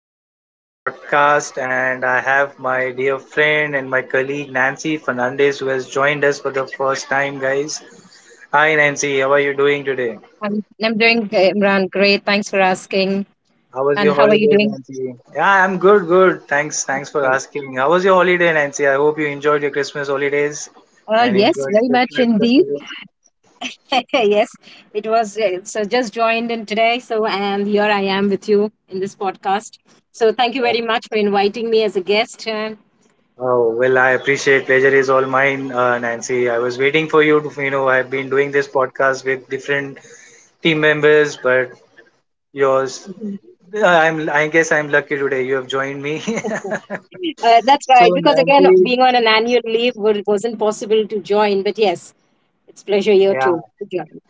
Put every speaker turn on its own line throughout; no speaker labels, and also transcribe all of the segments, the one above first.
back to my podcast. And I have my dear friend and my colleague Nancy Fernandez who has joined us for the first time, guys. Hi, Nancy. How are you doing today?
I'm doing Imran, great. Thanks for asking.
How was
And
your
how are you
holidays,
doing?
Nancy? Yeah, I'm good, good. Thanks for
Great.
asking. How was your holiday, Nancy? I hope you enjoyed your Christmas holidays and
Yes,
enjoyed
very much
Christmas
indeed.
festival.
Yes, it was. So just joined in today. So, and here I am with you in this podcast. So, thank you very much for inviting me as a guest.
Oh, well, I appreciate pleasure is all mine, Nancy. I was waiting for you to, you know, I've been doing this podcast with different team members, but yours. I guess I'm lucky today. You have joined me.
Mhm. That's
so
right. Because again,
Nancy,
being on an annual leave wasn't possible to join. But yes, it's pleasure here
yeah.
too to join.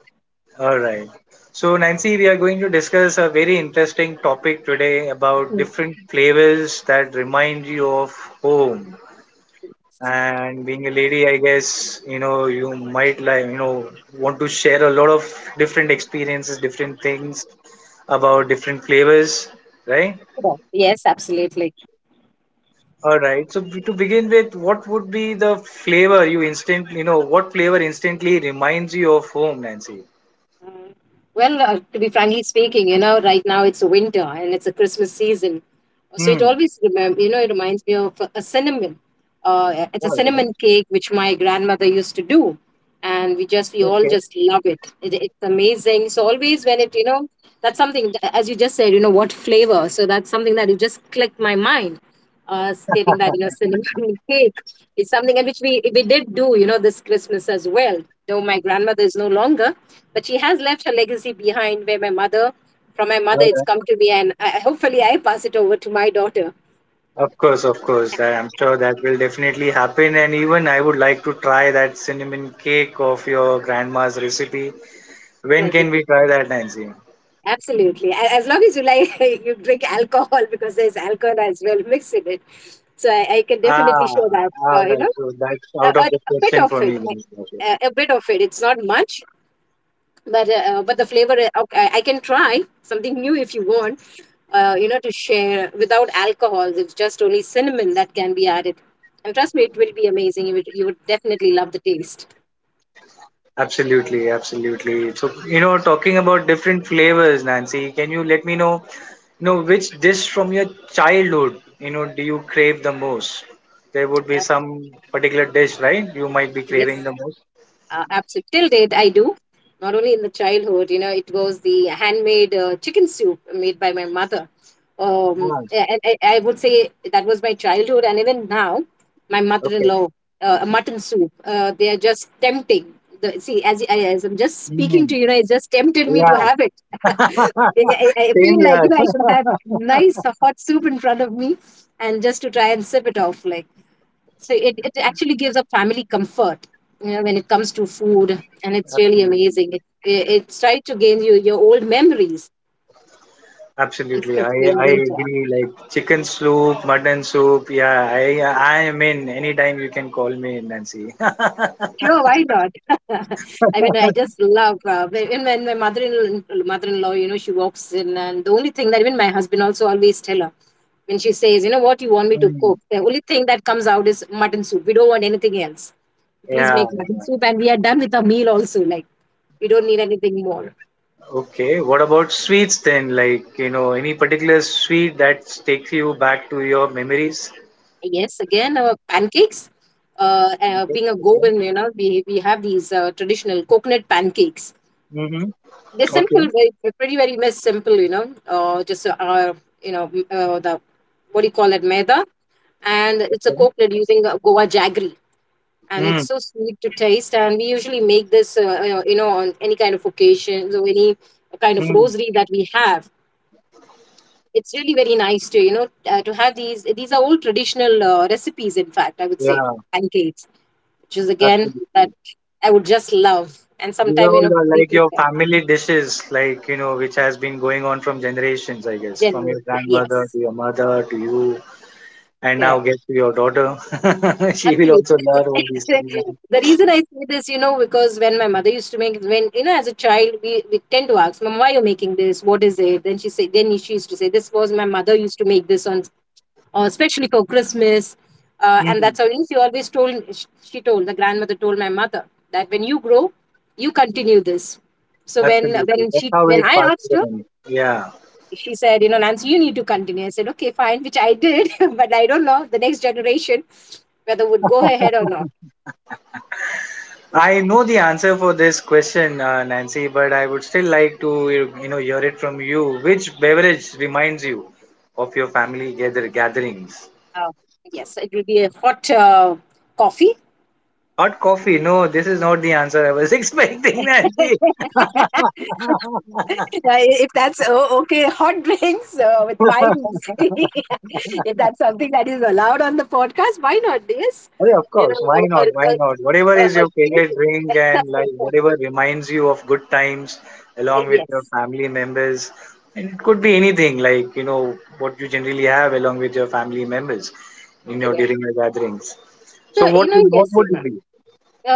All right. So Nancy, we are going to discuss a very interesting topic today about different flavors that remind you of home. And being a lady, I guess you know you might like you know want to share a lot of different experiences, different things about different flavors, right?
Mhm. Yes, absolutely.
All right. So to begin with, what would be the flavor you instantly, you know, what flavor instantly reminds you of home, Nancy?
Well, to be frankly speaking, you know, right now it's winter and it's a Christmas season, so it
Hmm.
always remember, you know, it reminds me of a cinnamon. It's a
All right.
cinnamon cake which my grandmother used to do, and we all
Okay.
just love it. It's amazing. So always when it, you know, that's something as you just said, you know, what flavor. So that's something that you just clicked my mind stating that you know cinnamon cake is something, and which we did do, you know, this Christmas as well. Though my grandmother is no longer, but she has left her legacy behind. Where my mother, from my
All
mother, it's
right.
come to me, and hopefully I pass it over to my daughter.
Of course, of course. I'm sure that will definitely happen. And even I would like to try that cinnamon cake of your grandma's recipe. When
But
can
it-
we try that, Nancy?
Absolutely, as long as you like, you drink alcohol, because there's alcohol as well mixed in it. So I can definitely show
Ah,
that,
all
you
right.
know,
So that's
a,
out
a,
of the
a bit
question
of
for me
it,
then.
a bit of it. It's not much, but the flavor, okay, I can try something new if you want, you know, to share without alcohol. It's just only cinnamon that can be added, and trust me, it will be amazing. You would definitely love the taste.
Absolutely, absolutely. So, you know, talking about different flavors, Nancy, can you let me know, you know, which dish from your childhood, you know, do you crave the most? There would be
uh,
some particular dish, right? You might be
yes.
craving the most.
Absolutely. Till date, I do. Not only in the childhood, you know, it was the handmade chicken soup made by my mother.
Ah,
And I would say that was my childhood, and even now, my
okay.
mother-in-law, a mutton soup. They are just tempting. See, as I'm just speaking
Mm,
to you, know, it just tempted me to
yeah.
have it. I, I
Same
feel like,
here.
you know, I should have nice hot soup in front of me, and just to try and sip it off, like so it actually gives a family comfort, you know, when it comes to food. And it's really
Absolutely.
amazing, it's trying to gain you your old memories,
Absolutely. I,
especially in
I
winter.
agree. Like chicken soup, mutton soup. Yeah. I am in. Anytime you can call me, Nancy.
Sure, why not? I mean, I just love, when my mother-in-law, you know, she walks in. And the only thing that even my husband also always tell her, when she says, you know, what you want me to
Mm,
cook, the only thing that comes out is mutton soup. We don't want anything else, please
yeah.
make mutton soup, and we are done with our meal also, like we don't need anything more.
Okay, what about sweets then? Like, you know, any particular sweet that takes you back to your memories?
Yes, again, pancakes.
Okay,
Being a
okay.
Goan, you know, we have these traditional coconut pancakes.
Mm-hmm.
They're simple,
Okay.
pretty, very much simple, you know, just, you know, m- the, what do you call it, maida? And it's a
Okay.
coconut using Goa jaggery. And it's
Mm,
so sweet to taste. And we usually make this, you know, on any kind of occasions or any kind of
mm,
rosary that we have. It's really very nice to, you know, to have these. These are all traditional recipes, in fact, I would say,
yeah,
pancakes, which is again that
absolutely.
I would just love. And
These are
sometime, you
all
know, be
like your
prepared.
family dishes, like, you know, which has been going on from generations, I guess, from
Genuine.
your grandmother
Yes.
to your mother to you, and now
Correct.
get to your daughter. She will
Absolutely.
also learn all these things
The
now.
reason I say this, you know, because when my mother used to make, when, you know, as a child, we tend to ask, Mom, why are you making this? What is it? Then she used to say, this was my mother used to make this on, especially for Christmas. And
Mm,
that's how she always she told, the grandmother told my mother, that when you grow, you continue this. So when
absolutely.
when
That's
she
how
when
it
I asked
passes
her,
on. Yeah.
she said, you know, Nancy, you need to continue. I said, okay, fine, which I did, but I don't know the next generation, whether would go ahead or not.
I know the answer for this question, Nancy, but I would still like to you you know hear it from you. Which beverage reminds you of your family gatherings?
Uh, yes, it will be a hot coffee.
Hot coffee. No, this is not the answer I was expecting, Nancy.
Yeah, if that's, oh, okay, hot drinks with wine. If that's something that is allowed on the podcast, why not? Yes,
Oh, yeah, of
you
course. Why
know,
not? Why not? Whatever is
a
your
drink.
favorite drink and like whatever reminds you of good times along with your
Yes,
family members. And it could be anything like, you know, what you generally have along with your family members, you know,
correct.
during your gatherings. So
So you know,
what
yes,
would it be?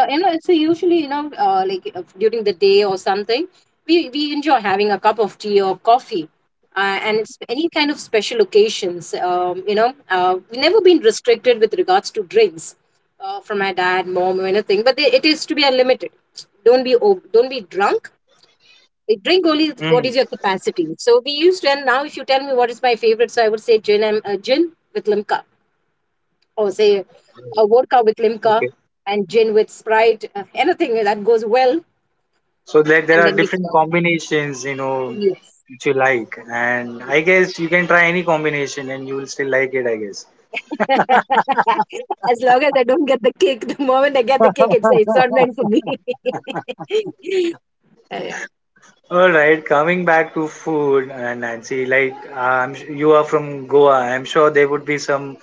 you know, it's usually, you know, during the day or something, we enjoy having a cup of tea or coffee, and it's any kind of special occasions. You know, we've never been restricted with regards to drinks, from my dad, mom, or anything. But they, it is to be unlimited. Don't be drunk. You drink only what
Mm,
is your capacity. So we used to, and now if you tell me what is my favorite, so I would say gin with limca, or say a vodka with limca
okay.
and gin with Sprite, anything that goes well,
So like there
and
are
then mix it
different
up.
combinations, you know,
Yes.
which you like. And I guess you can try any combination and you will still like it, I guess.
As long as I don't get the cake, the moment I get the cake, it's not meant for me. Yeah,
All right, coming back to food, Nancy, like you are from Goa, I'm sure there would be some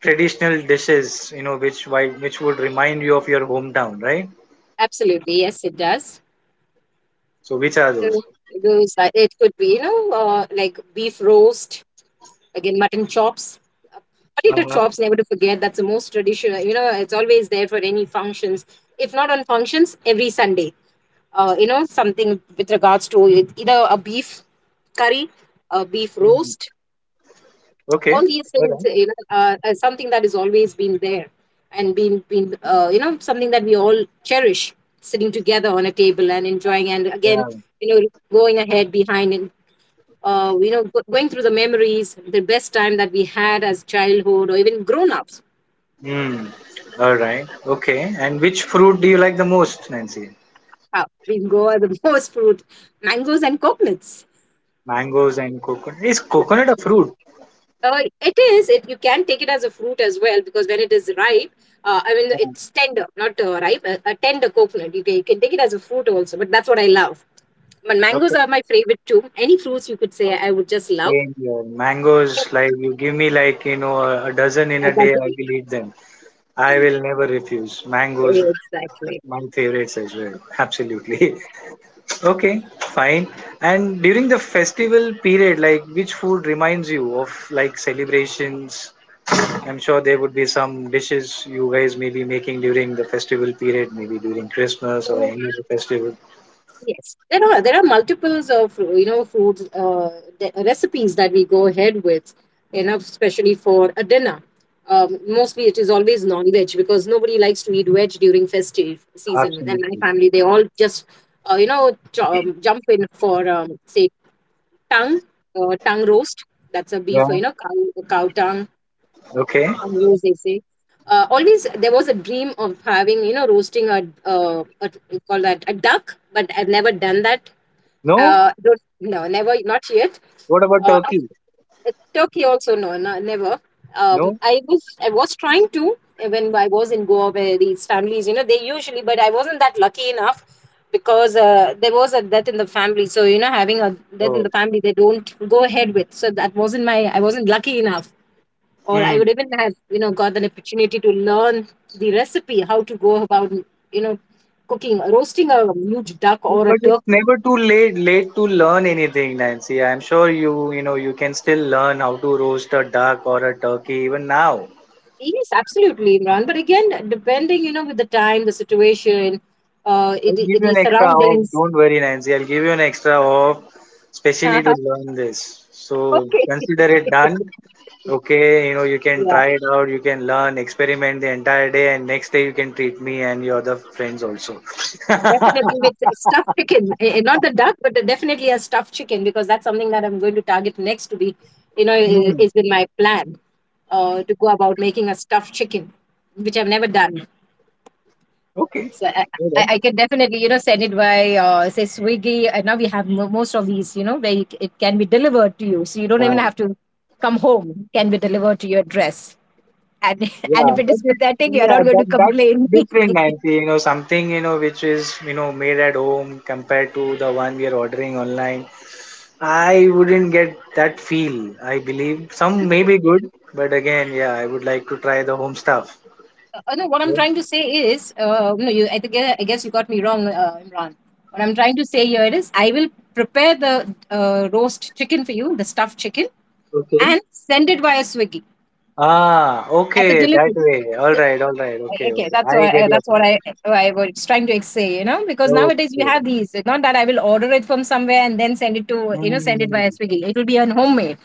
traditional dishes, you know, which would remind you of your hometown, right?
absolutely, yes, it does.
So, which are those?
So those are, it could be, you know, like beef roast, again mutton chops, Uh, potato
Uh-huh.
chops, never to forget, that's the most traditional, you know, it's always there for any functions, if not on functions every Sunday, you know, something with regards to it, either a beef curry, a beef
Mm.
roast,
Okay.
all these
All
things,
right.
you know, are something that has always been there, and been you know, something that we all cherish, sitting together on a table and enjoying. And again,
Yeah.
you know, going ahead behind, and going through the memories, the best time that we had as childhood or even grown ups.
Mm. All right. Okay. And which fruit do you like the most, Nancy?
Wow, we go at the most fruit, mangoes and coconuts.
Mangoes and coconut. Is coconut a fruit?
It is. It, you can take it as a fruit as well, because when it is ripe, I mean
Yeah.
it's tender, not ripe, a tender coconut. You can take it as a fruit also, but that's what I love. But mangoes
Okay.
are my favorite too. Any fruits you could say I would just love.
Same here. Mangoes, like you give me like you know a dozen in a day,
That's
I will eat them. I
it.
will never refuse. Mangoes, my favorites as well. Absolutely.
Exactly.
Okay, fine. And during the festival period, like which food reminds you of like celebrations? I'm sure there would be some dishes you guys may be making during the festival period, maybe during Christmas or any other festival.
Yes, there are multiples of, you know, foods, recipes that we go ahead with, you know, especially for a dinner. Mostly, it is always non-veg because nobody likes to eat veg during festive season. And my
Absolutely.
family, they all just you know, jump in for, say tongue, tongue roast. That's a beef,
Yeah.
you know, cow tongue,
Okay.
tongue roast, they say. Always there was a dream of having, you know, roasting a, we call that a duck, but I've never done that,
No?
don't, no, never, not yet.
What about
Uh,
turkey?
Af- Turkey also, no, no, never.
No?
I was trying to, when I was in Goa, where these families, you know, they usually, but I wasn't that lucky enough, because there was a death in the family. So, you know, having a death in the
Oh.
family, they don't go ahead with. So that wasn't my. I wasn't lucky enough, or I
Hmm.
would even have, you know, got an opportunity to learn the recipe, how to go about, you know, cooking, roasting a huge duck or a
But it's
turkey.
never too late to learn anything, Nancy. I'm sure you you know you can still learn how to roast a duck or a turkey even now.
Yes, absolutely, Imran. But again, depending, you know, with the time, the situation,
I'll give you
the
an extra off.
surroundings.
Don't worry, Nancy. I'll give you an extra off, especially to learn this. So
Okay.
consider it done. Okay, you know you can
Yeah,
try it out. You can learn, experiment the entire day, and next day you can treat me and your other friends also.
definitely with stuffed chicken. Not the duck, but definitely a stuffed chicken, because that's something that I'm going to target next to be, you know,
Hmm,
it's been my plan, to go about making a stuffed chicken, which I've never done.
okay.
So I can definitely, you know, send it by, say, Swiggy. And now we have most of these, you know, where it can be delivered to you. So you don't even
Alright.
have to come home. It can be delivered to your address. And, and
Yeah,
if it is pathetic, you're
yeah,
not going
that
to
that's
complain.
different,
No,
Nancy. You know, something you know which is you know made at home compared to the one we are ordering online. I wouldn't get that feel. I believe some may be good, but again, yeah, I would like to try the home stuff.
no, what I'm
Yeah,
trying to say is, no, think, I guess you got me wrong, Imran. What I'm trying to say here is, I will prepare the roast chicken for you, the stuffed chicken,
okay.
and send it via Swiggy
Ah,
as a
okay, that
delivery.
way. All right, all right.
Like,
Okay,
okay,
okay. I get your
that's what
point.
I was trying to say, you know, because nowadays we have
Okay.
these. Not that I will order it from somewhere and then send it to, send it
Hmm.
via Swiggy. It will be an homemade,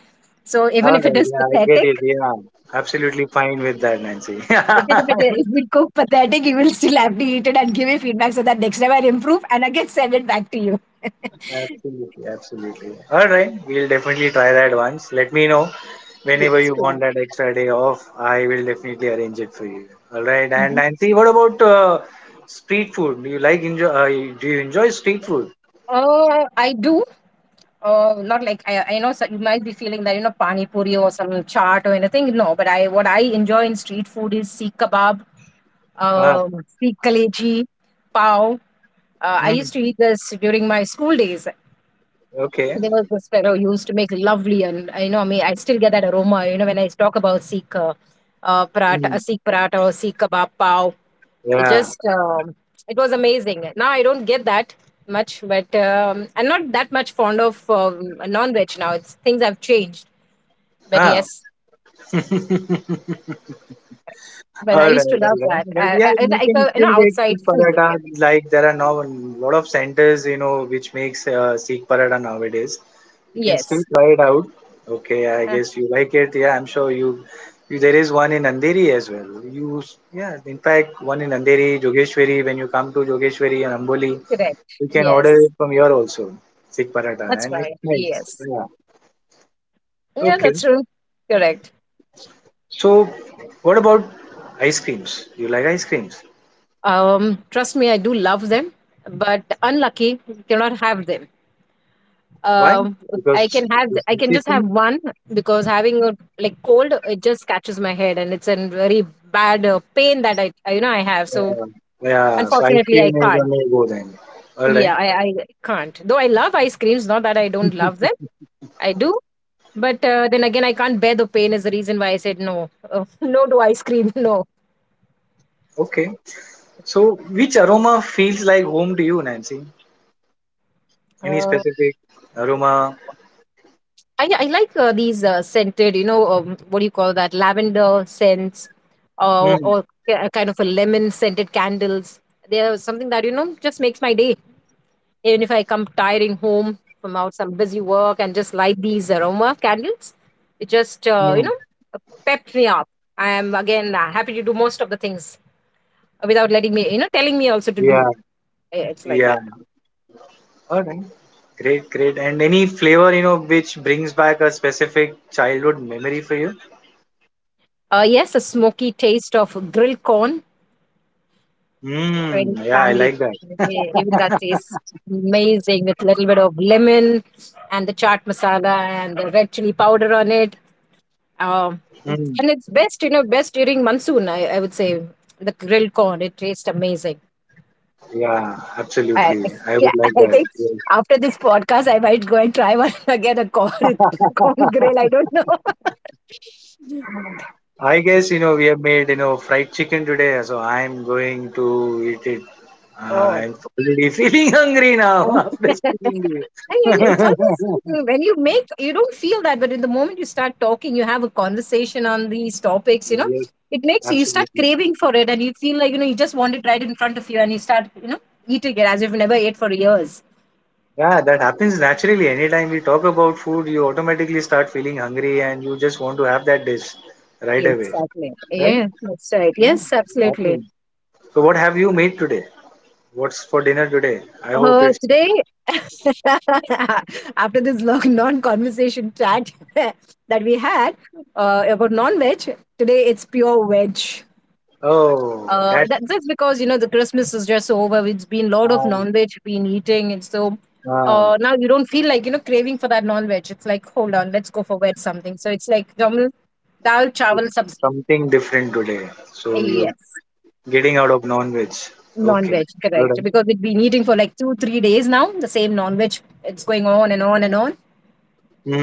so
All
even if it
right.
is
Yeah, I get it.
pathetic,
Yeah, absolutely fine with that, Nancy.
even if it is we cook pathetic, you will still have to eat it and give me feedback so that next time I improve and I can send it back to you.
Absolutely, absolutely. All right, we'll definitely try that once. Let me know whenever you
Yes, yeah.
want that extra day off. I will definitely arrange it for you. All right, and
Mhm.
Nancy, what about street food? Do you like enjoy? Do you enjoy street food?
I do. Not like I know so- you might be feeling that, you know, pani puri or some chaat or anything. No, but I what I enjoy in street food is seek kebab,
Ah,
seek kaleji, pav. I
mm,
used to eat this during my school days.
okay.
There was this fellow who used to make lovely, and, you know, I mean, I still get that aroma. You know, when I talk about Sikh paratha,
Mm,
Sikh paratha or Sikh kebab pav, it
yeah.
just um, it was amazing. Now I don't get that much, but I'm not that much fond of non-veg now. It's things have changed, but
Ah.
yes, but I
All
used to
right,
love
all right.
that.
But
Uh,
yeah,
I, I
you
like
can
you know,
still get
outside
Sikh
food.
paratha. Like there are now a lot of centers, you know, which makes Sikh paratha nowadays. You can still
Yes,
try it out. Okay, I
Uh,
guess you like it. Yeah, I'm sure you. There is one in Andheri as well. Yeah, in fact, one in Andheri, Jogeshwari. When you come to Jogeshwari and Amboli,
correct.
you can order
Yes,
it from here also, Sikh paratha,
that's
and it's
right.
nice.
Yes,
Yeah.
yeah,
Okay.
that's true. Correct.
So, what about ice creams? Do you like ice creams?
Trust me, I do love them, but unlucky cannot have them.
Why?
Um,
Because the
I can just have
sensation.
one because having a like cold, it just catches my head, and it's a very bad pain that you know I have. So
Uh, yeah. So ice
unfortunately, I
cream is a
can't.
no go then. All
Yeah,
right.
I can't. Though I love ice creams, not that I don't love them. I do, but then again, I can't bear the pain. Is the reason why I said no, no to ice cream. No.
Okay. So which aroma feels like home to you, Nancy? Any
Uh,
specific aroma?
yeah, I like these scented, you know, what do you call that? Lavender scents or,
Mm,
or ki- kind of a lemon scented candles. They're something that, you know, just makes my day. Even if I come tiring home from out some busy work and just light these aroma candles, it just, you
mm,
know, pepped me up. I am, again, happy to do most of the things without letting me, you know, telling me also to
yeah.
do. It's like
Yeah.
that.
All right. Great. Great. And any flavor, you know, which brings back a specific childhood memory for you?
Yes, a smoky taste of grilled corn, friends,
Mm, yeah. I
family,
like that.
even that tastes amazing with a little bit of lemon and the chaat masala and the red chili powder on it. Um,
Mm,
and it's best, you know, best during monsoon, I would say. The grilled corn, it tastes amazing.
yeah.
I,
Absolutely.
I-
I
yeah,
would like
I
that.
think
Yes.
after this podcast, I might go and try one again a corn, corn grill. I don't know.
I guess you know we have made you know fried chicken today, so I'm going to eat it.
Oh.
I'm already feeling hungry now
Oh. I
after speaking to you.
hear it's always something when you make, you don't feel that, but in the moment you start talking, you have a conversation on these topics, you know,
yes,
it makes you start
absolutely.
craving for it, and you feel like, you know, you just want it right in front of you, and you start, you know, eating it as if you never ate for years.
Yeah, that happens naturally. Anytime we talk about food, you automatically start feeling hungry and you just want to have that dish right away.
Exactly.
Right?
Yeah, that's right.
Yeah,
Yes,
it
absolutely.
happens. So what have you made today? What's for dinner today? I hope it's
Today, after this long non-conversation chat that we had about non-veg, today it's pure veg.
oh
Uh,
that's
that, that's because, you know, the Christmas is just over. It's been lot of
uh,
non-veg been eating, and so
uh,
now you don't feel like, you know, craving for that non-veg. It's like hold on, let's go for veg something. So it's like normal dal chawal
it's
sabzi.
something different today. So you
Yes,
Getting out of non-veg. Okay.
non-veg,
All
correct?
right.
Because we've been eating for like two, 3 days now. The same non-veg. It's going on and on and on.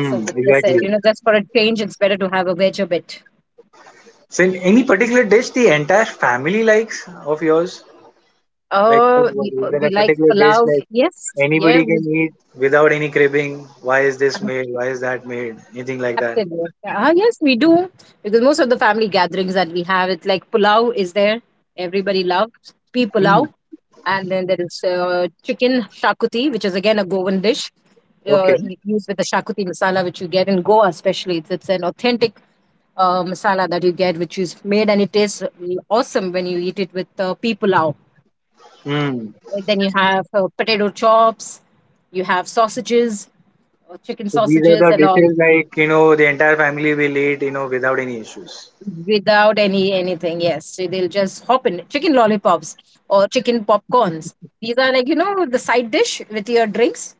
So, but just
Exactly.
you know, just for a change, it's better to have a veg a bit.
So, in any particular dish the entire family likes of yours? Like,
Oh,
is there a
we like
particular dish
palav.
like
Yes, yeah.
anybody
We,
can eat without any cribbing? Why is this made? Why is that made? Anything like that?
absolutely. Ah, yes, we do. Because most of the family gatherings that we have, it's like pulao is there. Everybody loves pea
Hmm.
pulao. And then there is chicken shakuti, which is again a Goan dish
Okay.
used with the shakuti masala, which you get in Goa, especially. It's an authentic masala that you get, which is made, and it tastes awesome when you eat it with pea pulao.
Hmm.
And then you have potato chops, you have sausages, chicken
So these are
sausages,
the
and all.
dishes like you know the entire family will eat you know without any issues.
Without any anything, yes, so they'll just hop in chicken lollipops or chicken popcorns. These are like, you know, the side dish with your drinks,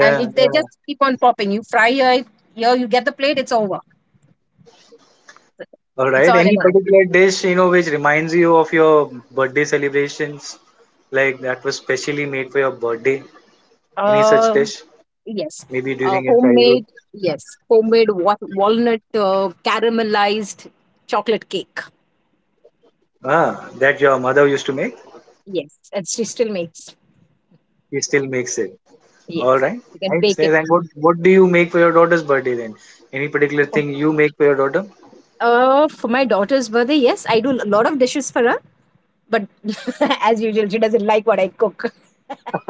and it, they
Yeah.
just keep on popping. You fry your, here you get the plate, it's over.
All
It's
right.
on and
Any
on.
particular dish, you know, which reminds you of your birthday celebrations, like that was specially made for your birthday? Any such
uh
dish,
yes.
maybe during your childhood?
Homemade, yes, homemade walnut caramelized chocolate cake.
Ah, that your mother used to make.
Yes, and she still makes.
She still makes it. All
Yes.
right.
You can
Nice.
bake it.
Nice. And what do you make for your daughter's birthday then? Any particular thing you make for your daughter?
For my daughter's birthday, yes, I do a lot of dishes for her. But as usual, she doesn't like what I cook.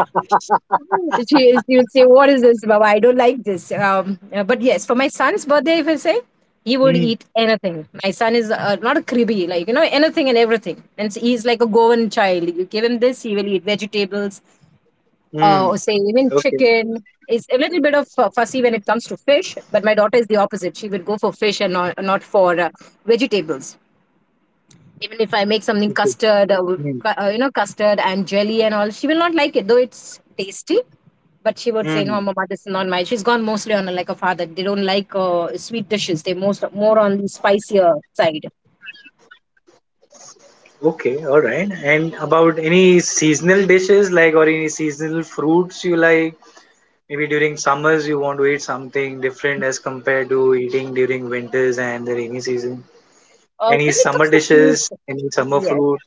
She would say, "What is this, Baba? I don't like this." But yes, for my son's birthday, if I say, he would
Hmm.
eat anything. My son is not a cribby, like, you know, anything and everything, and so he's like a Goan child. You give him this, he will eat vegetables,
Hmm.
or say even
Okay.
chicken. Is a little bit of fussy when it comes to fish, but my daughter is the opposite. She would go for fish and not for vegetables. Even if I make something
Okay.
custard,
Hmm.
you know, custard and jelly and all, she will not like it, though it's tasty. But she would say, "No,
Hmm.
mama, this is not my." She's gone mostly on like a father. They don't like sweet dishes. They most more on the spicier side.
Okay. All right. And about any seasonal dishes, like or any seasonal fruits you like? Maybe during summers you want to eat something different as compared to eating during winters and the rainy season. Any
When it
summer
comes to food,
dishes, any summer
yes,
fruit,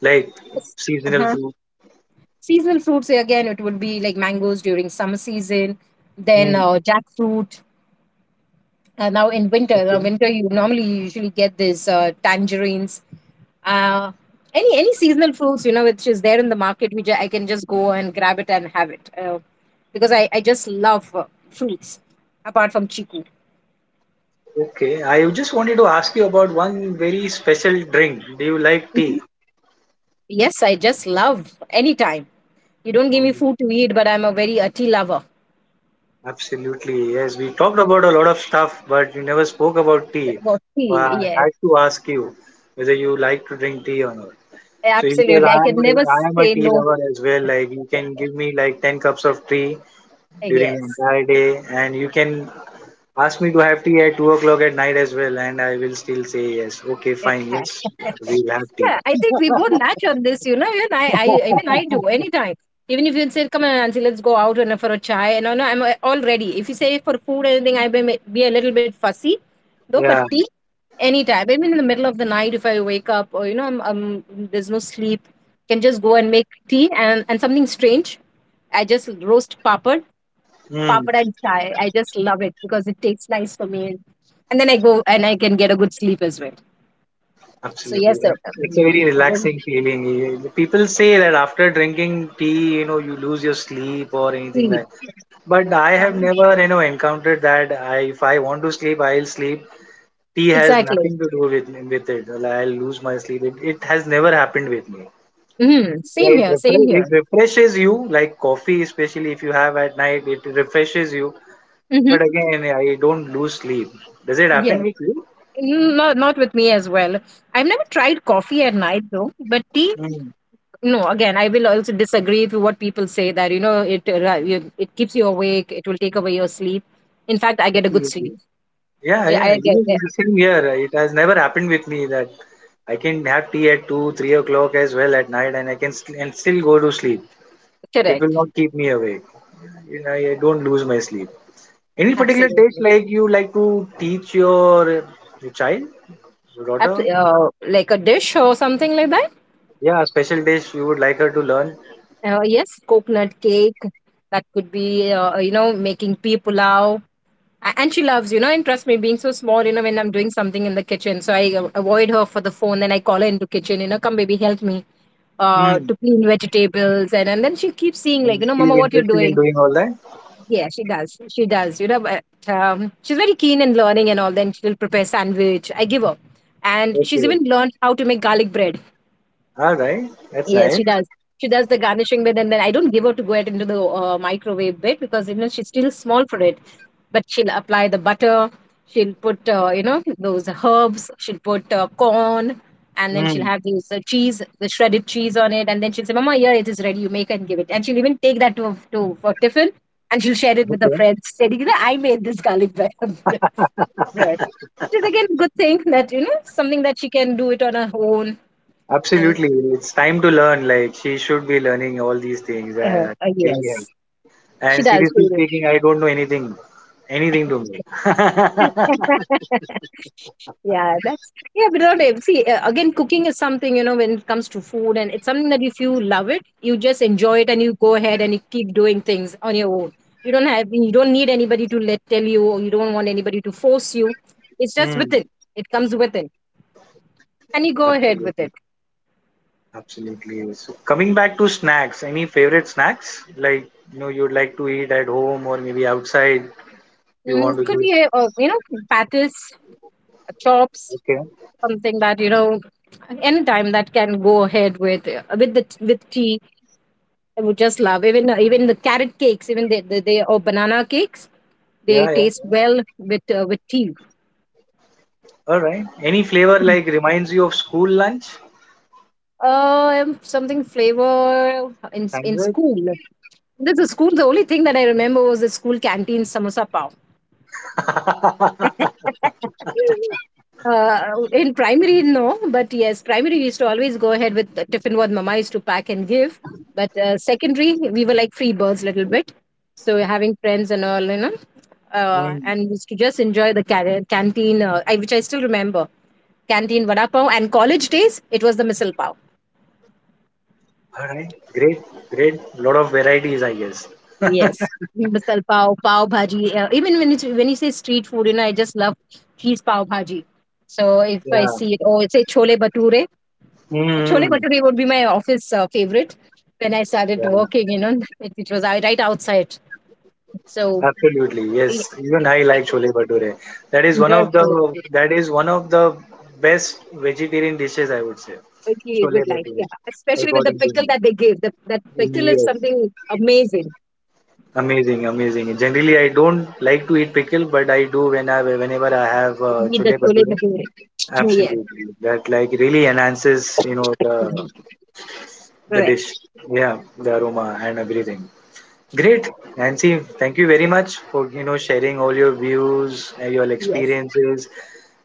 like
it's-
seasonal
uh-huh.
fruit.
Seasonal fruits again, it would be like mangoes during summer season, then
Mm,
jackfruit. Now in winter, now
okay.
winter you normally usually get these tangerines, uh, any seasonal fruits, you know, which is there in the market, which I can just go and grab it and have it, because I just love fruits apart from chiku.
Okay. I just wanted to ask you about one very special drink. Do you like
Mhm.
tea?
Yes, I just love any time. You don't give me
Um,
food to eat, but I'm a very a tea lover.
absolutely. Yes. We talked about a lot of stuff, but we never spoke about tea.
Well,
So
tea,
I
yes,
had to ask you whether you like to drink tea or not. So it's because
absolutely. I can never
I am a
say
tea
no.
lover as well. Like you can give me like 10 cups of tea during the
Yes.
entire day, and you can ask me to have tea at 2 o'clock at night as well, and I will still say yes. Okay, fine.
Okay.
Yes, we'll have tea.
Yeah, I think we both match on this, you know. I even I do anytime. Even if you say, "Come on, Nancy, let's go out and for a chai," and no, no, I'm all ready. If you say for food, anything, I may be a little bit fussy, though. But
Yeah,
tea, anytime. Even in the middle of the night, if I wake up, or, you know, I'm, there's no sleep, can just go and make tea and something strange. I just roast papad,
mm,
papad and chai. I just love it because it tastes nice for me, and then I go and I can get a good sleep as well. So
absolutely.
yes, sir.
That's- It's a very
I will
relaxing feeling. You- People say that after drinking tea, you know, you lose your sleep or anything
sleep.
like. But I have
Um,
never, you know, encountered that. I, if I want to sleep, I'll sleep. Tea has
exactly.
nothing to do with it. Like, I'll lose my sleep. It has never happened with me.
Mm, same
Yeah,
here. Same here.
it refreshes you, like coffee, especially if you have at night, it refreshes you.
Hmm.
But again, I don't lose sleep. Does it
Yeah.
happen with you?
Mm, not not with me as well. I've never tried coffee at night though, but tea.
Mm,
No, again, I will also disagree with what people say that, you know, it keeps you awake. It will take away your sleep. In fact, I get a good
absolutely.
sleep.
Yeah,
Yeah,
yeah.
I get
Even
yeah,
the Same here. It has never happened with me that I can have tea at two, 3 o'clock as well at night, and I can st- and still go to sleep. It will
correct.
not keep me awake. You know, I don't lose my sleep. Any particular dish
Absolutely.
like you like to teach your child, your daughter?
Like a dish or something like that.
Yeah, a special dish you would like her to learn.
Yes, coconut cake. That could be you know, making pea pulao. And she loves, you know, and trust me, being so small, you know, when I'm doing something in the kitchen, so I avoid her for the phone, then I call her into kitchen, you know, come baby, help me
Hmm.
to clean vegetables, and then she keeps seeing,
And
like, you know,
she's
mama, what you're
interested in
doing.
doing all that.
Yeah, she does, you know, but, she's very keen in learning and all, then she'll prepare sandwich I give her, and she's
Okay.
even learned how to make garlic bread.
All right. That's
Yes,
nice.
she does. She does the garnishing bit, and then I don't give her to go ahead into the microwave bit because, you know, she's still small for it. But she'll apply the butter. She'll put you know, those herbs. She'll put corn, and then she'll
Hmm.
have these cheese, the shredded cheese on it, and then she'll say, "Mama, here it is ready. You make and give it." And she'll even take that to for tiffin, and she'll share it with her
Okay.
friends, saying, "You know, I made this garlic bread." Bread. Which is again a good thing that, you know, something that she can do it on her own, and
Absolutely. It's time to learn. Like she should be learning all these things. Really help.
yes. She
And
does. She
seriously
will.
speaking, I don't know anything. Anything to me.
Yeah, that's yeah, but not ev- see again. Cooking is something, you know, when it comes to food, and it's something that if you love it, you just enjoy it, and you go ahead and you keep doing things on your own. You don't need anybody to let tell you, or you don't want anybody to force you. It's just
hmm.
within. It comes within, and you go ahead with it.
Absolutely. Absolutely. So coming back to snacks, any favorite snacks like you know you'd like to eat at home or maybe outside you
Mm,
want to
could be
use?
you know, patties, chops,
Okay.
something that, you know, anytime that can go ahead with the with tea. I would just love even the carrot cakes, even the or banana cakes. They
Yeah, yeah.
taste well with tea.
All right. Any flavor like reminds you of school lunch?
Something flavor in
Sandwich?
school. The school. The only thing that I remember was the school canteen samosa pav. In primary, no, but yes, primary we used to always go ahead with the tiffin what mama used to pack and give. But secondary, we were like free birds a little bit, so having friends and all, you know,
Hmm.
and used to just enjoy the canteen, which I still remember, canteen vada pav. And college days, it was the misal pav.
All right. Great. Great. Lot of varieties, I guess.
Yes. Misal pav, pav bhaji. Even when it's, when you say street food, you know, I just love cheese pav bhaji. So if I
Yeah.
see it, or say chole bature, chole
Mm-hmm.
bhature would be my office favorite when I started
Yeah.
working, you know, it was I right outside. So
Absolutely. Yes.
we
Even I like chole bhature.
enjoyed chole bhature.
That is one of the best vegetarian dishes, I would say.
Really a
Chole
good life,
Bhature,
yeah. Especially with the
according to
pickle
me.
that they give. That pickle is
Yes,
something amazing.
amazing, amazing. Generally, I don't like to eat pickle, but I do when I whenever I have
Need the
chole
chole
bhature.
bhature. Yes.
Absolutely, that like really enhances, you know,
Mhm.
the dish.
Correct.
Yeah, the aroma and everything. Great, Nancy. Thank you very much for you know sharing all your views, your
Yes.
experiences,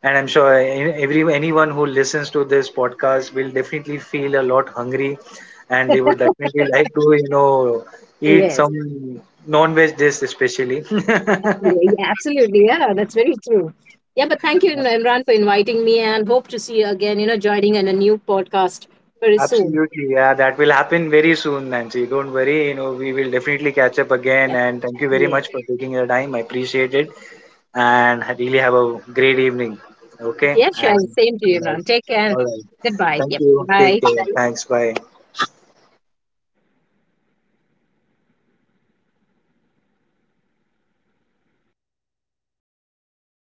and I'm sure every anyone who listens to this podcast will definitely feel a lot hungry, and they would definitely like to you know eat
Yes,
some non-veg dish, especially.
absolutely. Yeah, absolutely. Yeah, that's very true. Yeah, but thank you,
Yes,
Imran, for inviting me and hope to see you again, you know, joining in a new podcast very soon.
absolutely, yeah, that will happen very soon, Nancy. Don't worry, you know, we will definitely catch up again.
Yeah.
And thank you very
Yeah.
much for taking your time. I appreciate it. And really have a great evening. Okay,
Yeah, sure.
and
Same to
have a
you, Imran.
nice-
Take care.
all right.
Goodbye.
Thank
Yep.
you. Take
Bye.
care. Thanks. Bye.